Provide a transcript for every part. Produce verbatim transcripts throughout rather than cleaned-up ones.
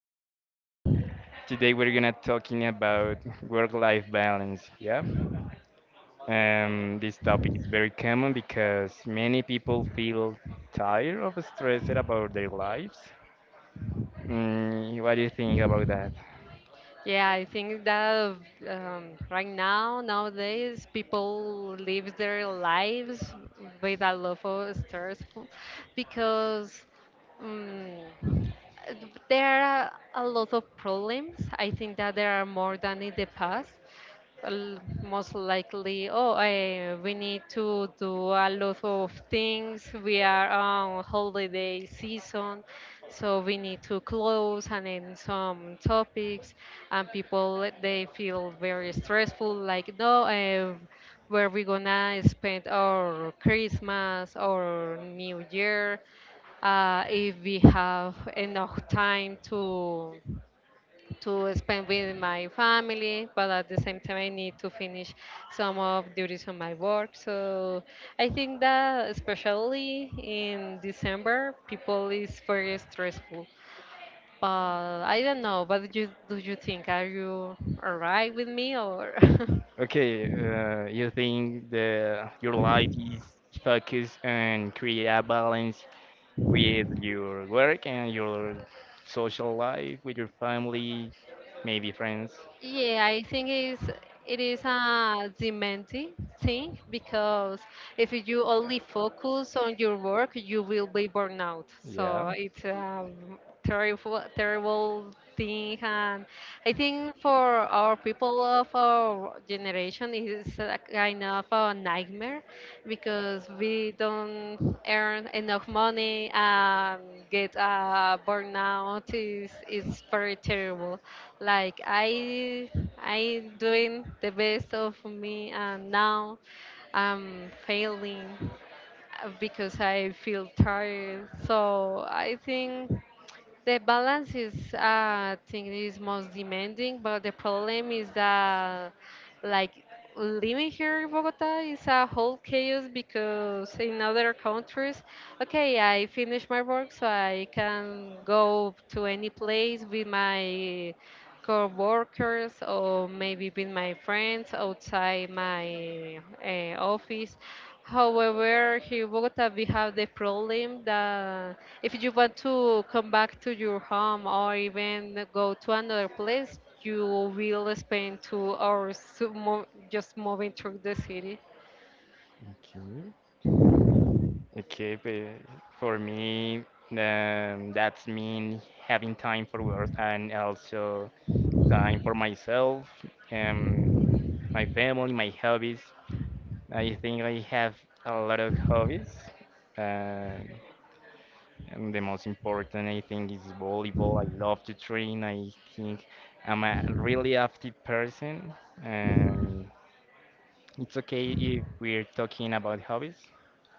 podcast. Today we're gonna talking about work-life balance. Yeah, um, this topic is very common because many people feel tired of stressed about their lives. Mm, what do you think about that? Yeah, I think that um, right now, nowadays, people live their lives with a lot of stress because um, there are a lot of problems. I think that there are more than in the past. L- most likely oh eh, we need to do a lot of things. We are on holiday season, so we need to close and then some topics, and people they feel very stressful, like no eh, where we gonna spend our Christmas or New Year, uh, if we have enough time to to spend with my family, but at the same time, I need to finish some of duties on my work. So I think that especially in December, people is very stressful. But I don't know. What do you do? You think, are you alright with me or? Okay, uh, you think the your life is focused and create a balance with your work and your social life, with your family, maybe friends. Yeah, I think it's, it is a demanding thing because if you only focus on your work, you will be burned out. Yeah. So it's a terrible, terrible thing. And I think for our people of our generation, it is a kind of a nightmare because we don't earn enough money, and get a burnout is, is very terrible. Like I I doing the best of me and now I'm failing uh, because I feel tired. So I think the balance is, uh, I think, is most demanding, but the problem is that, like, living here in Bogota is a whole chaos because in other countries, okay, I finish my work, so I can go to any place with my co-workers or maybe with my friends outside my uh, office. However, here in Bogota, we have the problem that if you want to come back to your home or even go to another place, you will spend two hours to mo- just moving through the city. Okay. Okay, but for me, um, that's mean having time for work and also time for myself, um, my family, my hobbies. I think I have a lot of hobbies. Uh, and the most important, I think, is volleyball. I love to train. I think I'm a really active person. Um, it's okay if we're talking about hobbies.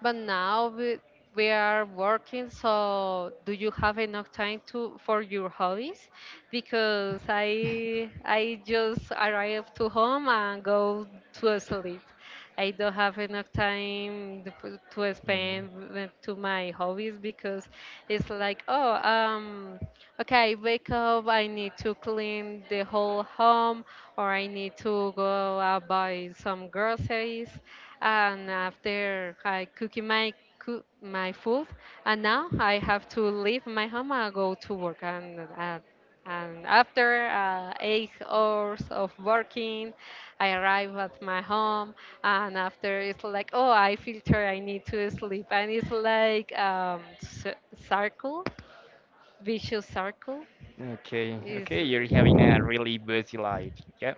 But now we, we are working, so do you have enough time to for your hobbies? Because I I just arrive to home and go to sleep. I don't have enough time to to Mm. spend with- to my hobbies because it's like, oh, um, okay, I wake up, I need to clean the whole home, or I need to go out buy some groceries, and after I cook my cook my food, and now I have to leave my home and go to work. And uh, and after uh, eight hours of working, I arrive at my home, and after it's like, oh, I feel tired. I need to sleep, and it's like um, c- circle, vicious circle. Okay, Is okay, you're having a really busy life. Yep.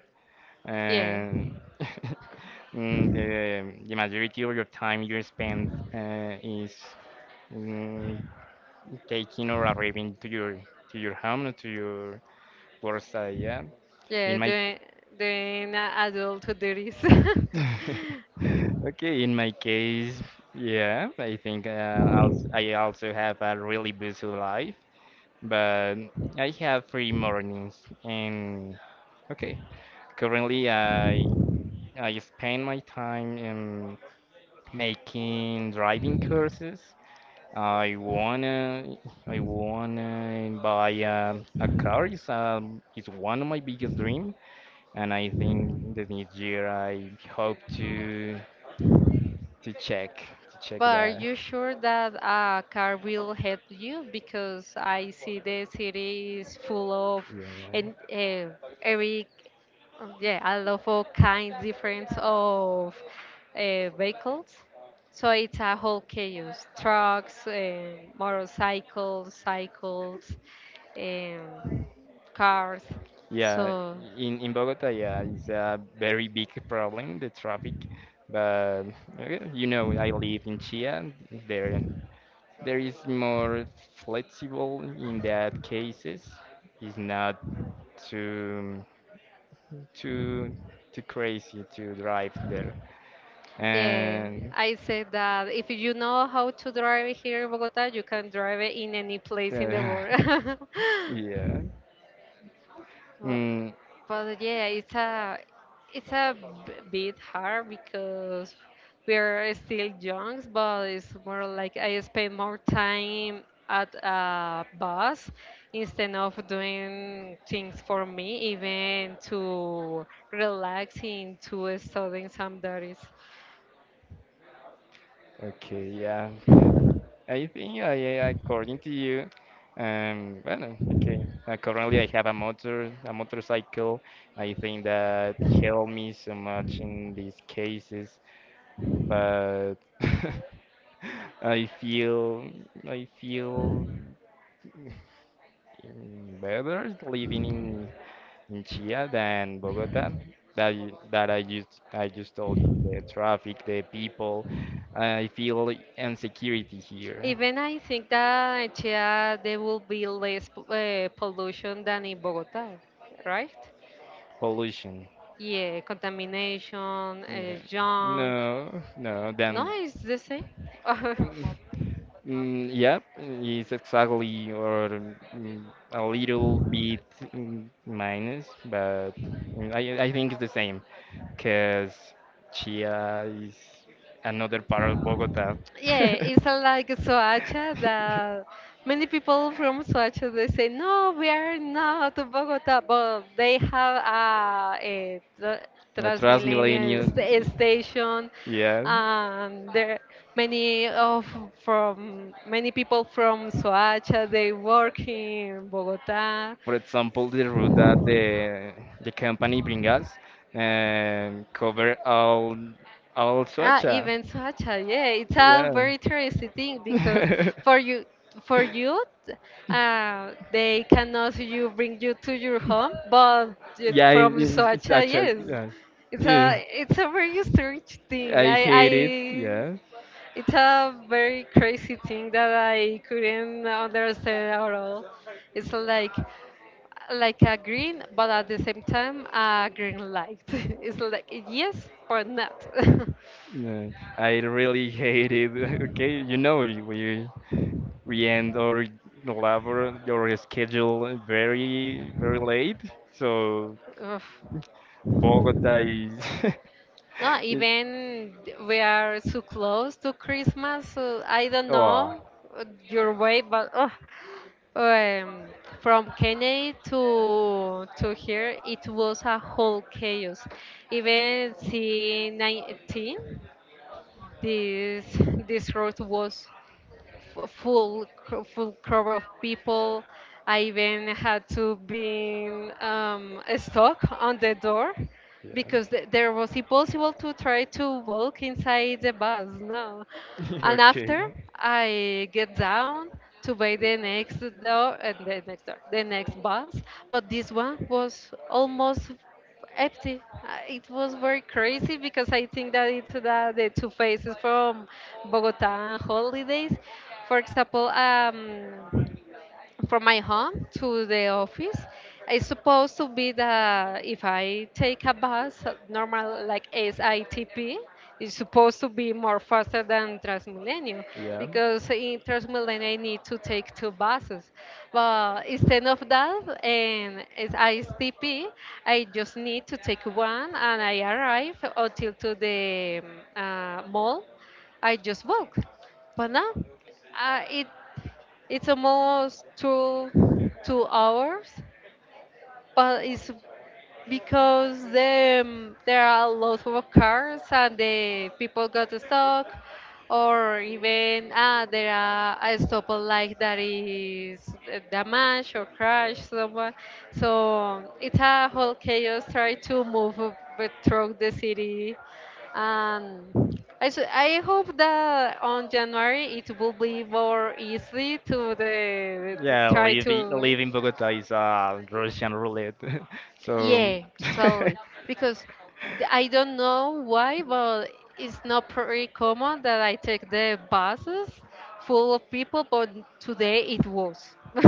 yeah, And mm, the, the majority of your time you spend uh, is mm, taking or arriving to your to your home, or to your worksite. Yeah. yeah. In my Doing doing adult duties. okay, in my case, yeah, I think uh, also, I also have a really busy life. But I have free mornings and okay. Currently, I I spend my time in making driving courses. I wanna I wanna buy a, a car. It's um it's one of my biggest dream, and I think that this year I hope to to check to check But are that. you sure that a car will help you? Because I see the city is full of, Yeah. and uh, every uh, yeah, a lot of all kinds different of uh, vehicles. So it's a whole chaos: trucks, and motorcycles, cycles, and cars. Yeah, So in in Bogota, yeah, it's a very big problem, the traffic. But uh, you know, I live in Chia. There, there is more flexible in that cases. It's not too too too crazy to drive there. yeah, And I said that if you know how to drive here in Bogota, you can drive it in any place in the uh, world. yeah, Well, mm, but yeah, it's a it's a b- bit hard because we are still young, but it's more like I spend more time at a bus instead of doing things for me, even to relaxing, to studying some studies. Okay, yeah. Uh, I think I, I- according to you, um, well, okay. Uh, currently, I have a motor, a motorcycle. I think that helped me so much in these cases, but I feel, I feel mm, better living in in Chia than Bogota. That y- that I just I just told you the traffic, the people. I feel insecurity here. Even I think that in Chía there will be less p- uh, pollution than in Bogota, right? Pollution. Yeah, contamination, uh, Yeah. junk. No, no, No, then. it's the same. Mm, mm, yep, it's exactly or mm, a little bit mm, minus, but mm, I, I think it's the same because Chia is another part of Bogota. Yeah, it's uh, like Soacha that many people from Soacha they say no, we are not to Bogota, but they have a, a tra- Transmilenio, Transmilenio st- station, yeah. and there many of from many people from Soacha they work in Bogota. For example, the route that the the company bring us um, cover all all Ah, Soacha. even Sacha, yeah, it's a Yeah. very interesting thing because for you, for you, uh, they cannot you bring you to your home, but it- yeah, it, from it, it's Sacha, actually. yes, Yeah. it's Yeah. a it's a very strange thing. I I hate it. I Yeah. it's a very crazy thing that I couldn't understand at all. It's like like a green, but at the same time a green light. It's like yes, but not. No, I really hate it. Okay, you know we we we end our labor your schedule very very late. So Ugh. Bogota is. No, is- even we are so close to Christmas. So I don't oh know uh, your way, but ugh, um, from Kennedy to to here, it was a whole chaos. Even C nineteen, this this road was f- full cr- full crowd of people. I even had to be um, stuck on the door yeah. because th- there was impossible to try to walk inside the bus. No, and okay. after I get down to buy the next door and the next door, the next bus, but this one was almost empty. Uh, It was very crazy because I think that it's the, the two faces from Bogota and holidays. For example, um, from my home to the office. It's supposed to be that if I take a bus, uh, normal like S I T P, it's supposed to be more faster than Transmilenio Yeah. because in Transmilenio I need to take two buses. But instead of that, in S I T P I T P, I just need to take one and I arrive until to the um, uh, mall. I just walk. But no, uh, it it's almost two two hours but it's because the, um, there are lots of cars and the people got stuck, or even ah, there are a stoplight that is uh, damaged or crashed someone, so it's a whole chaos try to move uh, but through the city, and I, s- I hope that on January it will be more easy to the to Yeah, try living to. living Bogota is a Russian roulette. so Yeah, totally. Because th- I don't know why, but it's not pretty common that I take the buses full of people, but today it was.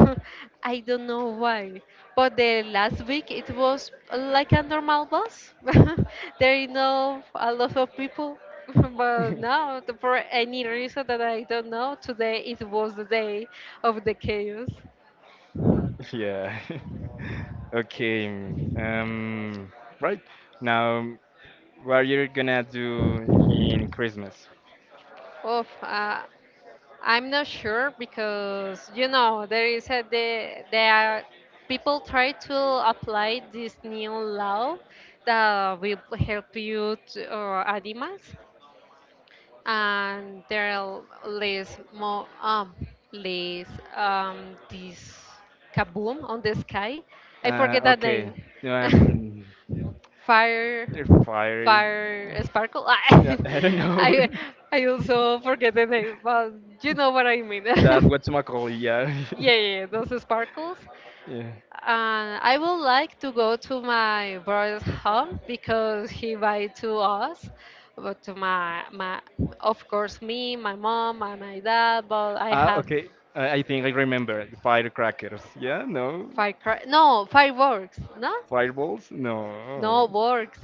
I don't know why. But the last week it was like a normal bus. There is no a lot of people. But now, th- for any reason that I don't know, today it was the day of the chaos. Yeah. Okay. mm, Um, right. Now, what are you gonna do in Christmas? Of uh, I'm not sure because you know there is a the there are people try to apply this new law that will help you to, or animals, and there are less more um less um this kaboom on the sky. I Uh, forget that okay. name. Um, Fire air fryer. Fire Sparkle. Yeah, I don't know. I I also forget the name, but you know what I mean. Yeah, That what's my call? Yeah. yeah, those sparkles. Yeah. And I would like to go to my brother's home because he invited to us, but to my my of course me, my mom, and my dad. But I Ah, have okay. I I think I remember firecrackers. Yeah, no. fire no fireworks, no Fireballs? no No. works,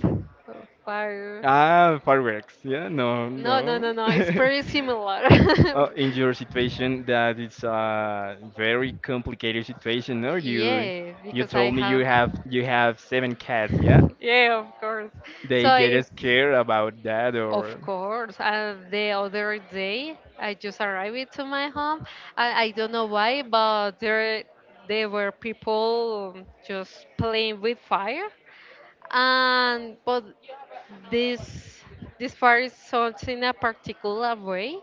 fire. Ah, fireworks. Yeah, no, No, no, no. no, no. It's pretty similar. Oh, in your situation, that it's a very complicated situation. No, you Yeah, you because I told me you have. have you have seven cats. Yeah, Yeah, of course. they So get it's scared about that, of or course. And the other day, I just arrived to my home. I, I don't know why, but there there were people just playing with fire. And but this this part is sold in a particular way,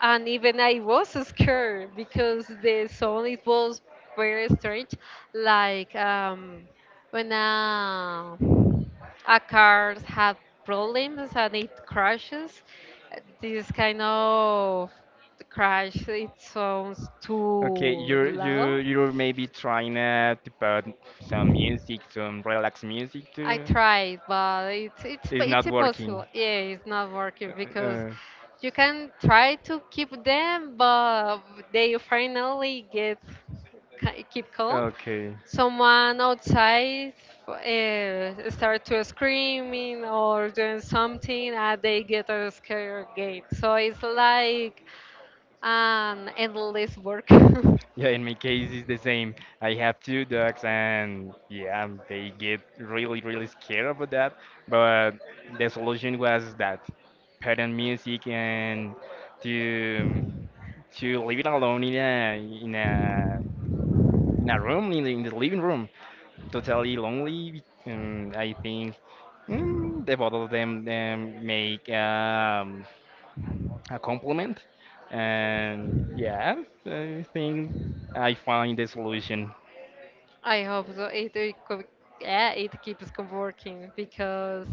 and even I was scared because the sound it was very strange, like um, when a a car had problems and it crashes. This kind of crash it sounds okay, too you're you loud. you're maybe trying uh, to put some music, some relaxed music I to. tried, but it's it's It's p- it's not working. impossible. Yeah, it's not working because Uh, you can try to keep them, but they finally get ca- keep calm. okay. Someone outside uh, start to screaming or doing something, and they get uh, scared again. So it's like an endless work. Yeah, in my case, it's the same. I have two dogs, and yeah, they get really, really scared about that. But the solution was that putting music and to to leave it alone in a in a in a room in the, in the living room, totally lonely. And I think mm, the both of them um, make um, a compliment. And yeah, I think I find the solution. I hope so. It, it, co- yeah, it keeps co- working because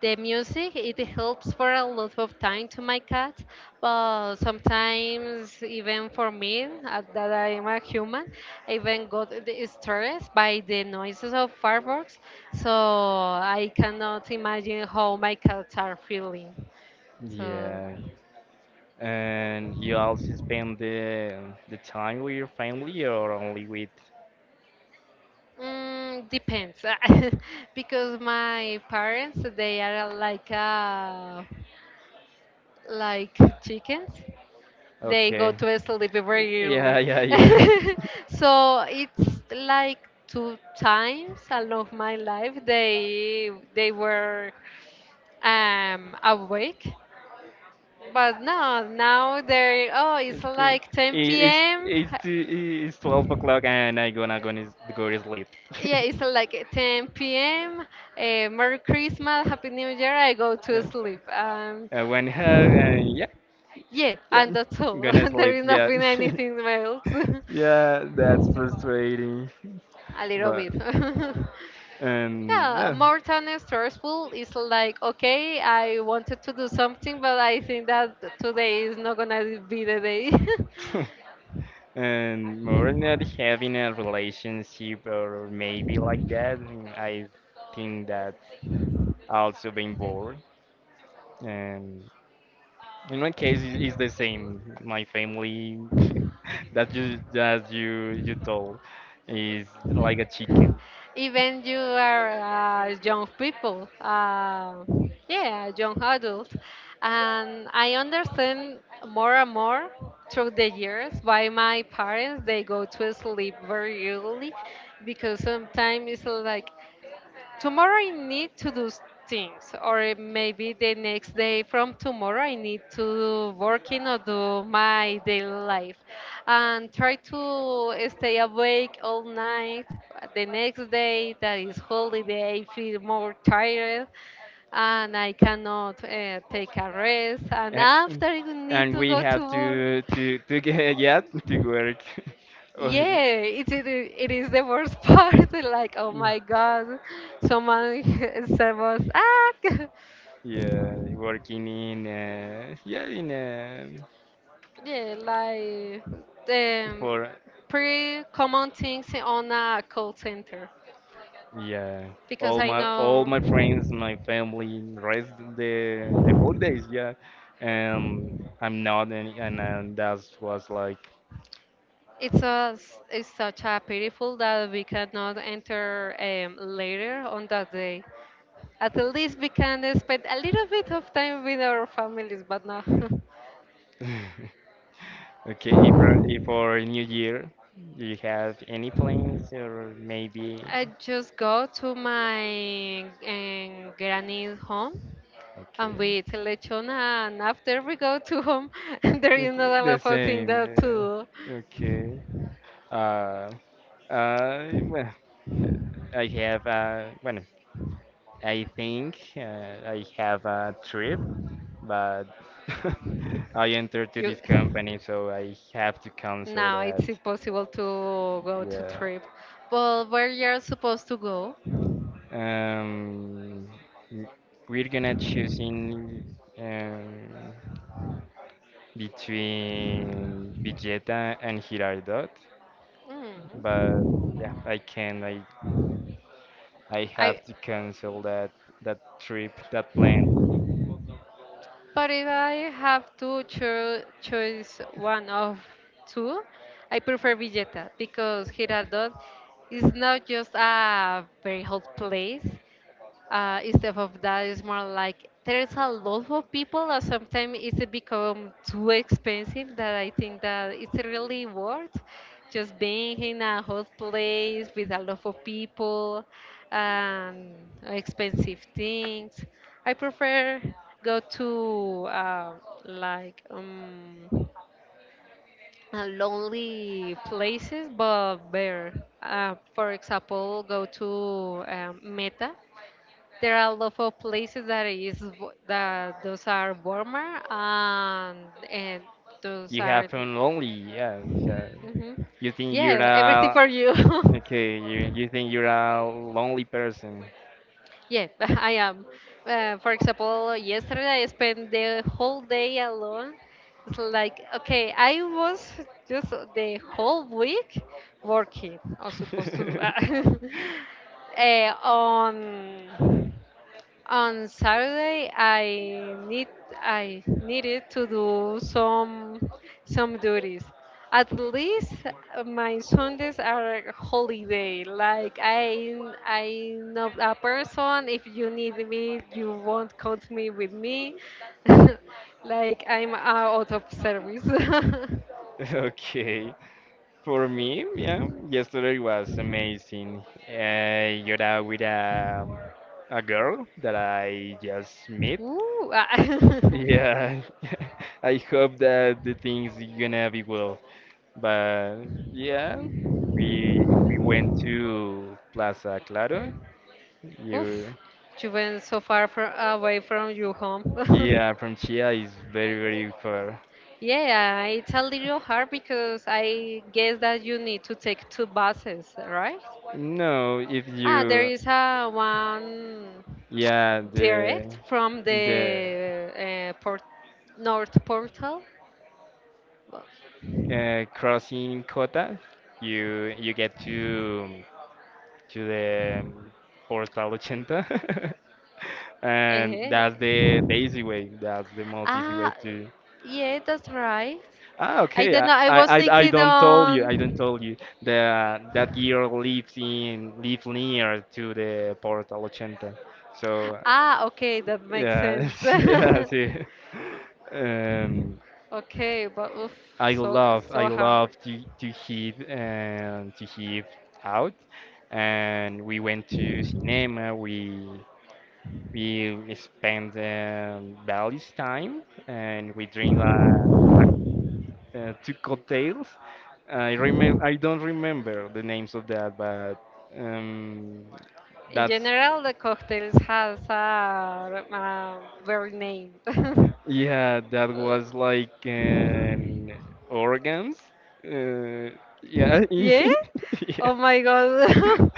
the music it helps for a lot of time to my cat, but sometimes even for me, uh, that I am a human, I even got the stress by the noises of fireworks. So I cannot imagine how my cats are feeling. So Yeah. And you also spend the the time with your family or only with? mm, depends. Because my parents they are like a like chickens, they go Okay. to sleep very early. Yeah, yeah, yeah. So it's like two times along my life they they were um awake, but no, now they're oh, it's Okay. like ten It, it's p.m. it's t- it's twelve o'clock and I gonna gonna s- go to sleep. Yeah, it's like ten p.m., uh, merry Christmas, happy New Year, I go to Uh, sleep, um uh, One hug and yeah, yeah, yeah. and that's all. Gonna There sleep. is Yeah. nothing anything else. Yeah, that's frustrating, A little but bit. and Yeah, yeah, more than stressful is like, okay, I wanted to do something, but I think that today is not gonna be the day. and more not having a relationship or maybe like that. And I think that also being bored. And in my case, it- it's the same. My family that you that you you told is like a chicken. Even you are uh, young people, uh, yeah, young adults, and I understand more and more through the years why my parents they go to sleep very early because sometimes it's like tomorrow I need to do s- things, or maybe the next day from tomorrow I need to work in or do my daily life, and try to stay awake all night. The next day that is holiday, I feel more tired, and I cannot uh, take a rest. And A- after I need and to we go to have work. to to to get yeah to work or Yeah, it, it, i- it is the worst part. Like, oh my God, someone said was ah yeah working in uh, yeah in uh, Yeah, like um, for pretty common things on a call center yeah because all I my all know. my friends my family rest the the holidays yeah um I'm not any, and and that was like It's, a, it's such a pitiful that we cannot enter um, later on that day. At least we can spend a little bit of time with our families, but no. okay if for- if for New Year do you have any plans or maybe. I just go to my um, granny's home, and we Okay. eat lechona. And after we go to home, there is Okay, not a the lot of things same. that to do. Uh, okay. Uh, I well, I have uh, well, I think uh, I have a trip, but I entered to You, this company, so I have to cancel now that. it's impossible to go to Yeah. trip. But where you're supposed to go? Um, w- we're gonna choosing um between Vegeta and Girardot, Mm. but yeah, I can't. I I I have to cancel that that trip, that plan. But if I have to cho- choose one of two, I prefer Villeta, because Girardot is not just a very hot place, uh, instead of that, it's more like there's a lot of people and sometimes it's become too expensive that I think that it's really worth just being in a hot place with a lot of people and expensive things. I prefer go to uh, like um, uh, lonely places, but better. Uh, for example, go to um, meta, there are a lot of places that is w- that those are warmer, and and those You have are been lonely, yeah. It's, uh, hmm, You think you're yeah, everything a for you. okay. You you think you're a lonely person. Yeah, I am. Uh, for example, yesterday I spent the whole day alone. It's like okay, I was just the whole week working. I'm supposed to do uh, on On Saturday, I need I needed to do some some duties. At least uh, my Sundays are holiday. Like I I know a person. If you need me, you won't count me with me. Like I'm out of service. Okay. For me, yeah, yesterday was amazing. Uh, you're out with a a girl that I just met. Ooh, I- Yeah, I hope that the things gonna be well. But yeah, we we went to Plaza Claro. oof! You You went so far from, away from your home. yeah, from Chia is very very far. Yeah, it's a little hard because I guess that you need to take two buses, right? No, if Ah, there you is a one yeah the direct from the the uh, port north portal. uh, crossing Cota, you you get to to the um, Portal Ochenta, and Eh, that's the the easy way. That's the most easy way ah, to. yeah, that's right. Ah, I okay. don't I, know. I I, was I I thinking don't told you. I don't on. told you that that girl lives in live near to the Porta Ochenta. So Ah, okay, that makes yeah, sense. yeah, see. Um, Okay, but oof, I so love I so hard. love to to hear and to hear out, and we went to cinema. We we spent um, Valley's time and we drink uh, uh, two cocktails. I remem I don't remember the names of that, but um, In that's general, the cocktails has a, a very name. yeah, that was like an organs. Uh, yeah, Yeah? yeah. Oh my god.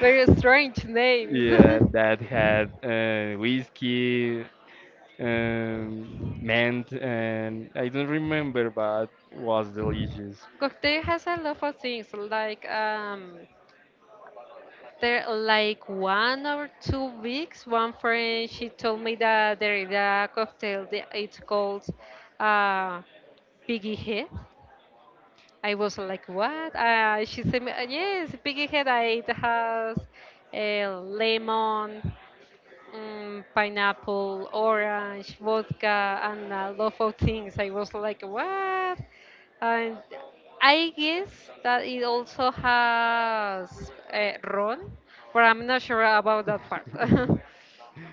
Very strange names. Yeah, that had uh, whiskey, um, mint, and I don't remember, but was delicious. Cocktail has a lot of things like um, there like one or two weeks, one friend, she told me that there is a cocktail that it's called uh piggy head. I was like, what? Uh, she said, me, "Uh, yes, piggy head. I- It has uh, lemon, um, pineapple, orange, vodka, and a lot of things. I was like, what? And I guess that it also has uh, ron, but I'm not sure about that part.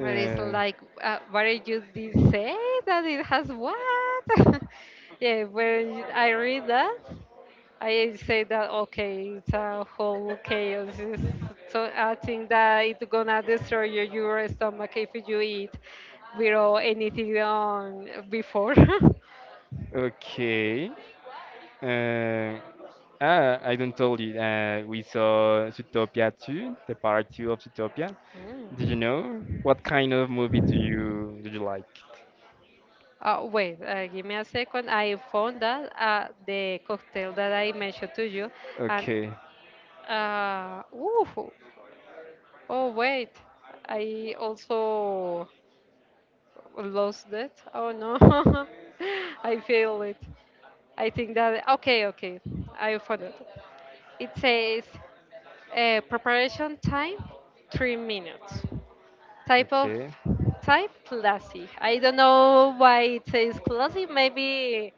But it's like, uh, what did you did say that it has what? Yeah, when I read that, I say that okay, it's a whole chaos. It's, so I think that it's gonna destroy your, your stomach if you eat without anything on before. okay. Uh, ah, I don't told you. Uh, we saw Zootopia two, the part two of Zootopia. Did Mm. you know? What kind of movie do you do you like? Uh, wait, uh, give me a second. I found that uh, the cocktail that I mentioned to you, and Okay. uh, ooh, oh wait, I also lost it. Oh no, I feel it. I think that okay, okay, I found it. It says uh, preparation time three minutes. Type of Okay. type classy. I don't know why it says classy. Maybe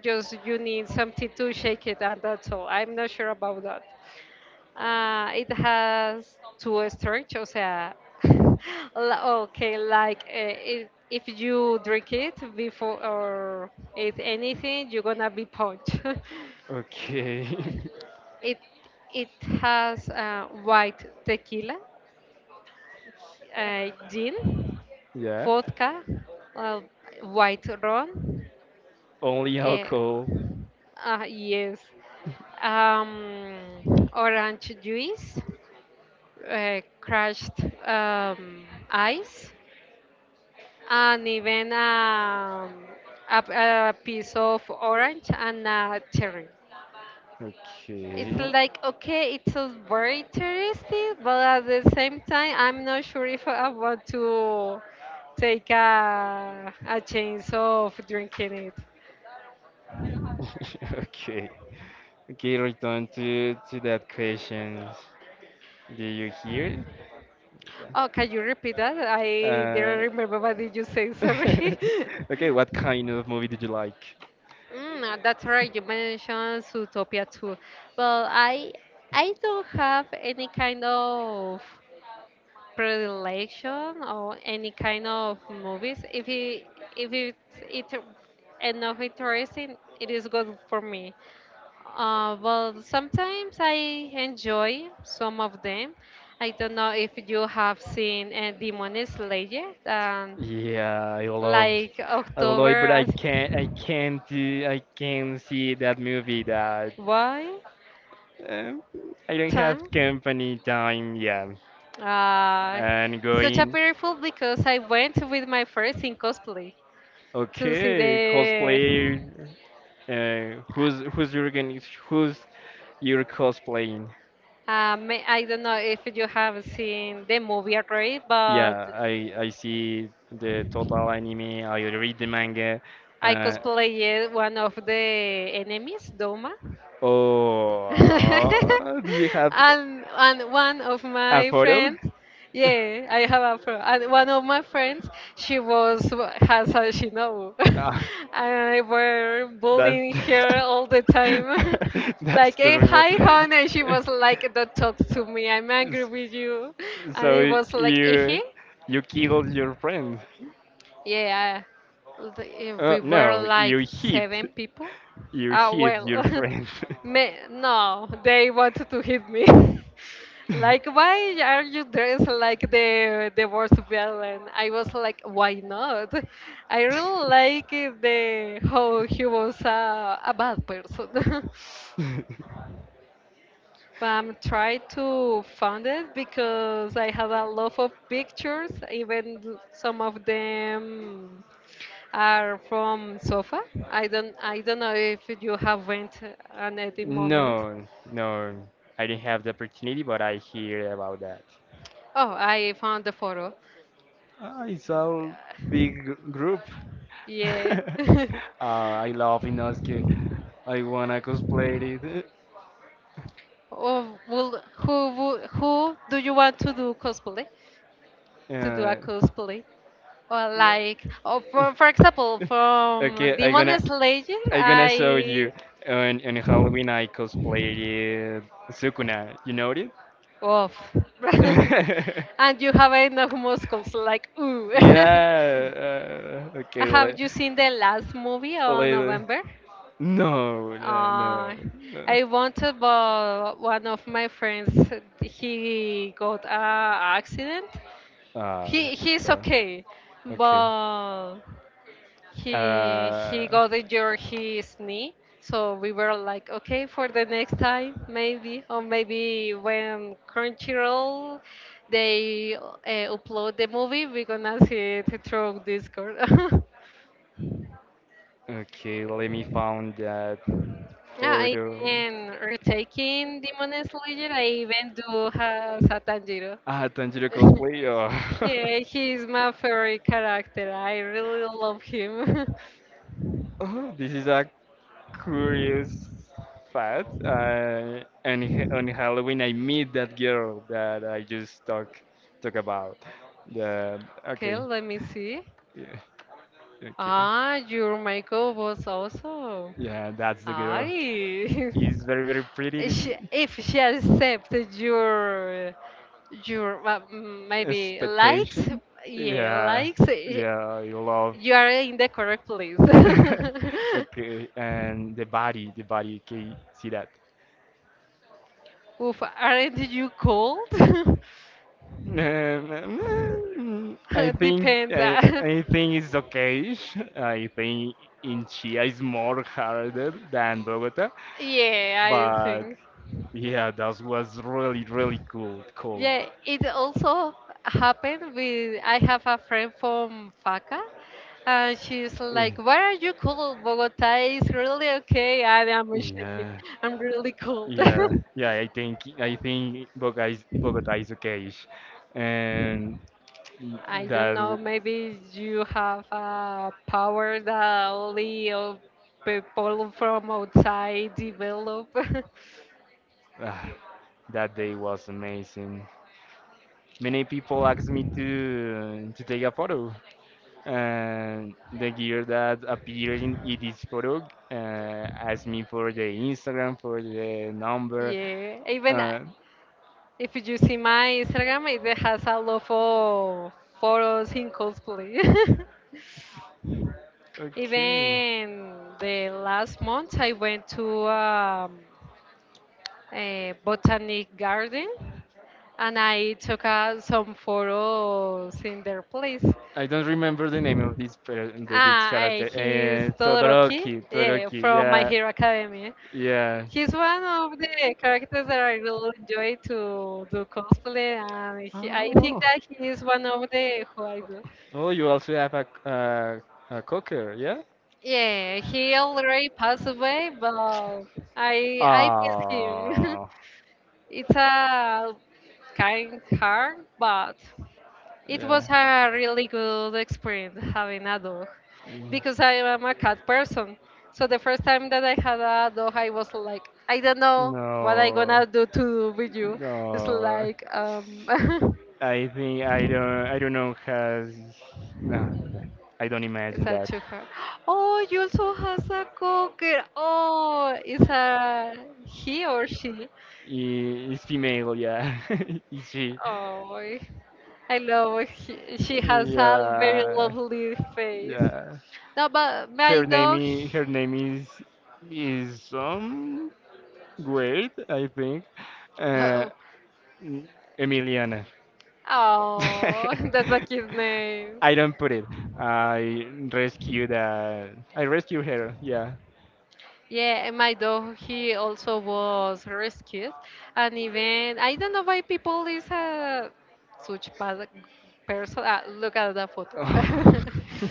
just you need something to shake it, and that's all. I'm not sure about that. Uh, it has two stretch, o sea, la- okay, like uh, if, if you drink it before or eat anything, you're gonna be punched. Okay. It it has uh, white tequila, uh, gin, yeah. vodka, uh, white rum. Only Uh, alcohol. uh, yes, um, orange juice, uh, crushed um, ice, and even um, a, a piece of orange and a cherry. It's Okay. like, okay, it sounds very interesting, but at the same time, I'm not sure if I want to take a, a chance of drinking it. okay. Okay, return to to that question. Do you hear? Oh, can you repeat that? I Uh, didn't remember what did you say, sorry. Okay, what kind of movie did you like? Mm, uh, that's right. You mentioned Zootopia too. Well, I I don't have any kind of predilection or any kind of movies. If it if it's it enough interesting, it is good for me. Uh, well, sometimes I enjoy some of them. I don't know if you have seen uh, Demon Slayer, um, Yeah, I loved, like I loved, October but I as can't, I can't, do- I can't see that movie. That why um, I don't have time. company time. Yeah, Uh, and such a going. beautiful because I went with my friends in cosplay. To see Okay, the cosplay. Uh, who's who's your organ- who's your cosplaying? uh, I don't know if you have seen the movie already, but Yeah, I I see the total anime. I read the manga. I Uh, cosplayed one of the enemies, Doma. Oh, and uh, do you have and one of a my photo? friends, yeah, I have a friend. And one of my friends, she was, has a shinobu, and Ah, I were that's bullying her all the time. that's Like hey, terrible. hi hon, and she was like don't talk to me, I'm angry S- with you. And it So was like eh eh, you you killed your friend? yeah, the- eh, Uh, we were no, like you hit seven people. you Ah, hit well, your friend. me, no, they wanted to hit me. Like, why are you dressed like the the worst villain? I was like, why not? I really like eh, the how he was a, a bad person. I'm trying to find it because I have a lot of pictures, even th- some of them are from sofa. I don't I don't know if you have went on at the moment. No, no, I didn't have the opportunity, but I hear about that. Oh, I found the photo. Ah, it's a big gr- group. Yeah. uh, I love Inosuke. I wanna cosplay it. Oh, well, who wo- who do you want to do cosplay? To do a Uh, cosplay? Well, yeah. like oh, for for example, from Okay, I Demon gonna Slayer, I gonna show I you on on Halloween I cosplayed Sukuna. You know it? oof, and you have enough muscles, yeah. like ooh. Uh, okay. Have la- you seen the last movie on Later. November? No. No. No. Uh, No. I wanted, but one of my friends, he got a accident. Ah. He he's so- okay, Okay. but he he Uh. got injured his knee, so we were like okay for the next time, maybe, or maybe when crunchyroll they uh, upload the movie, we're gonna see it through discord. Okay, let me find that Yeah, I photo. am retaking demon slayer, I even do have satanjiro. Ah, Tanjiro cosplay. Oh. Yeah, he's my favorite character, I really love him. Oh, this is a curious fact. Uh, on Ha- on Halloween, I meet that girl that I just talk talk about. The. Okay, Okay. let me see. Yeah. Okay. Ah, your makeup was also. Yeah, that's the girl. Aye. He's very very If pretty. She- if she accepted your your uh, m- maybe likes, Expectation? yeah, Yeah, likes, y- yeah, you love. you are in the correct place. Okay, and the body, the body, can you see that. Oof, aren't you cold? Um, mm, I, think Depends. I, uh, I think it's okay. I think in Chia is more harder than Bogota, yeah, I but think. yeah, that was really really cool. Cool. Yeah, it also happened with I have a friend from Faca, and she's Mm. like, why are you cool? Bogota is really okay and I'm shaking. Yeah. I'm really cold. Yeah, yeah, I think I think Bogota is Bogota is okay, and I don't that know, maybe you have a power that only uh, people from outside develop. ah, that day was amazing. Many people asked me to to take a photo, and the gear that appeared in, in this photo uh, asked me for the Instagram, for the number. Yeah, even uh, Uh, if you see my Instagram, it has a lot of photos in cosplay. okay. Even the last month, I went to um, a botanic garden and I took uh, some photos in their place. I don't remember the name of this per- the this Ah, eh, character. he's Uh, Todoroki, Todoroki, yeah, Todoroki. from My Yeah, Hero Academy. yeah. He's one of the characters that I really enjoy to do cosplay, and he, I think Oh. that he is one of the who I do. Oh, you also have a c- uh, a cooker. Yeah? Yeah, he already passed away, but I I miss him. Ah. It's a kind hard, but it was a really good experience having a dog, because I Dog. am a cat person. So the first time that I had a dog, I was like, I don't know what I gonna do to with you. It's like um, I think I don't. I don't know. Has no. No. I don't imagine it's I a that. chuha. Oh, you also has a cocker. Oh, it's a he or she. I- It's female. Yeah. Is she? Oh, Oh, I I love he- she has a very lovely face. yeah. No, No, but dog, my dog. is. Her name is. Is some. Great, I think. Uh, Oh, n- Emiliana. oh, that's a cute name. I don't put it. I rescue that. I rescue her. Yeah. Yeah, and my dog, he also was rescued. And even, I don't know why people is a such bad person. Ah, look at that photo.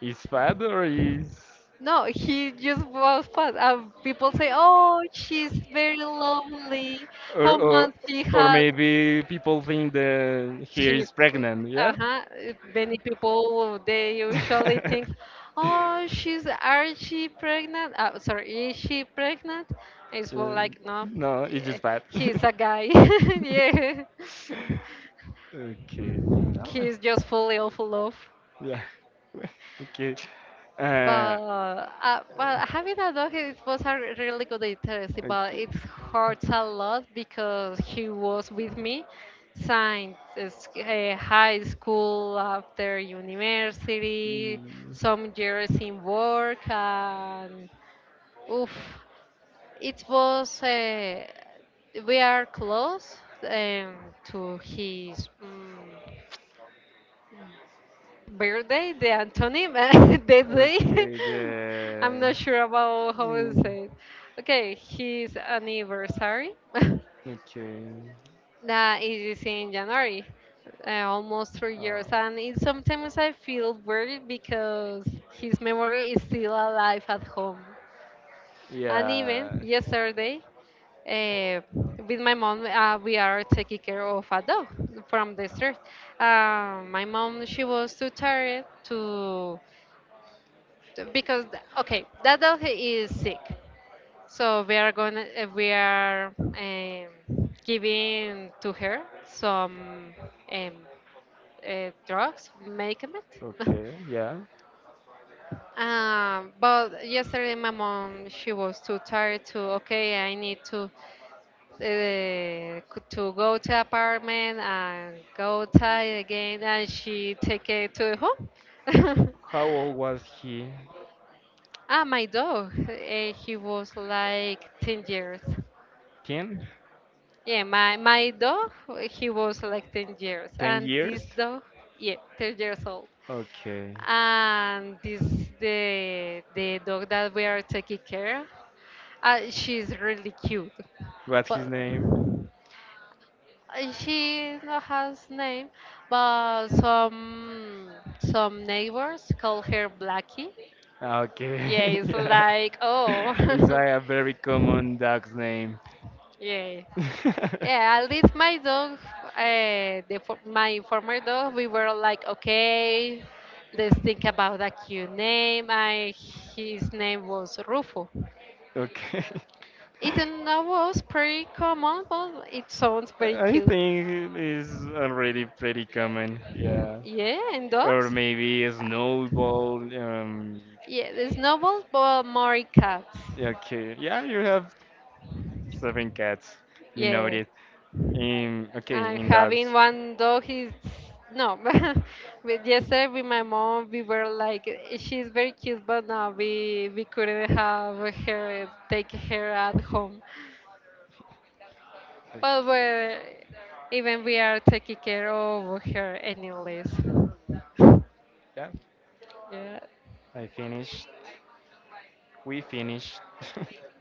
is fat or is No, he just was fat. And people say, "Oh, she's very lovely. or, How or much she or has?" maybe people think that he is She's pregnant. Yeah. uh-huh. uh, Many people they usually think, oh, she's are she pregnant? Uh, sorry, is she pregnant? It's more Yeah. like no, No, it's yeah, just bad. he's a guy. Yeah, Okay. Oh, he's just fully of love. yeah. Okay. But Uh, uh, but having a dog it was a really good interest, but okay. it hurts a lot because he was with me since it's, uh, high school, after university, Mm. some years in work, and oof, it was. Uh, we are close um, to his. Um, birthday, the antonym, the day. Okay, I'm the. not sure about how to Mm, say it. Okay, his anniversary. okay. That is in January, uh, almost three Uh, years, and it, sometimes I feel worried because his memory is still alive at home. And even yeah. yesterday, uh, with my mom, uh, we are taking care of a dog from the street. Uh, my mom, she was too tired to because okay that dog is sick, so we are going to we are um, giving to her some um, uh, drugs medicament. Okay, yeah. Um, but yesterday my mom she was too tired to okay I need to uh, c- to go to apartment and go outside again, and she take it to the home. How old was he? Ah, my dog. Uh, he was like ten years. ten? Yeah, my my dog, he was like ten years, ten and years? this dog, yeah, ten years old. Okay. And this the the dog that we are taking care of. Uh, she's really cute, What's his but name? uh, she no has name, but some some neighbors call her Blackie. Ah, Yeah, okay. it's yeah. like oh, It's like a very common dog's name. yeah. Yeah, at least my dog, uh, the, fo- my former dog, we were like, okay, let's think about a cute name. I, his name was Rufo. okay. It now was pretty common, but it sounds very I cute. think it's already pretty common. Yeah. Yeah, and Or dogs? maybe a snowball. Um, Yeah, it's noble, but more cats. okay, yeah, you have seven cats. You know Yeah. it. In okay, And in having dogs. one dog is no. But yesterday with my mom, we were like, "Eh, she's very cute, but no, we we couldn't have her take her at home. Okay. But we're, even we are taking care of her anyways. Yeah, Yeah. I finished. We finished.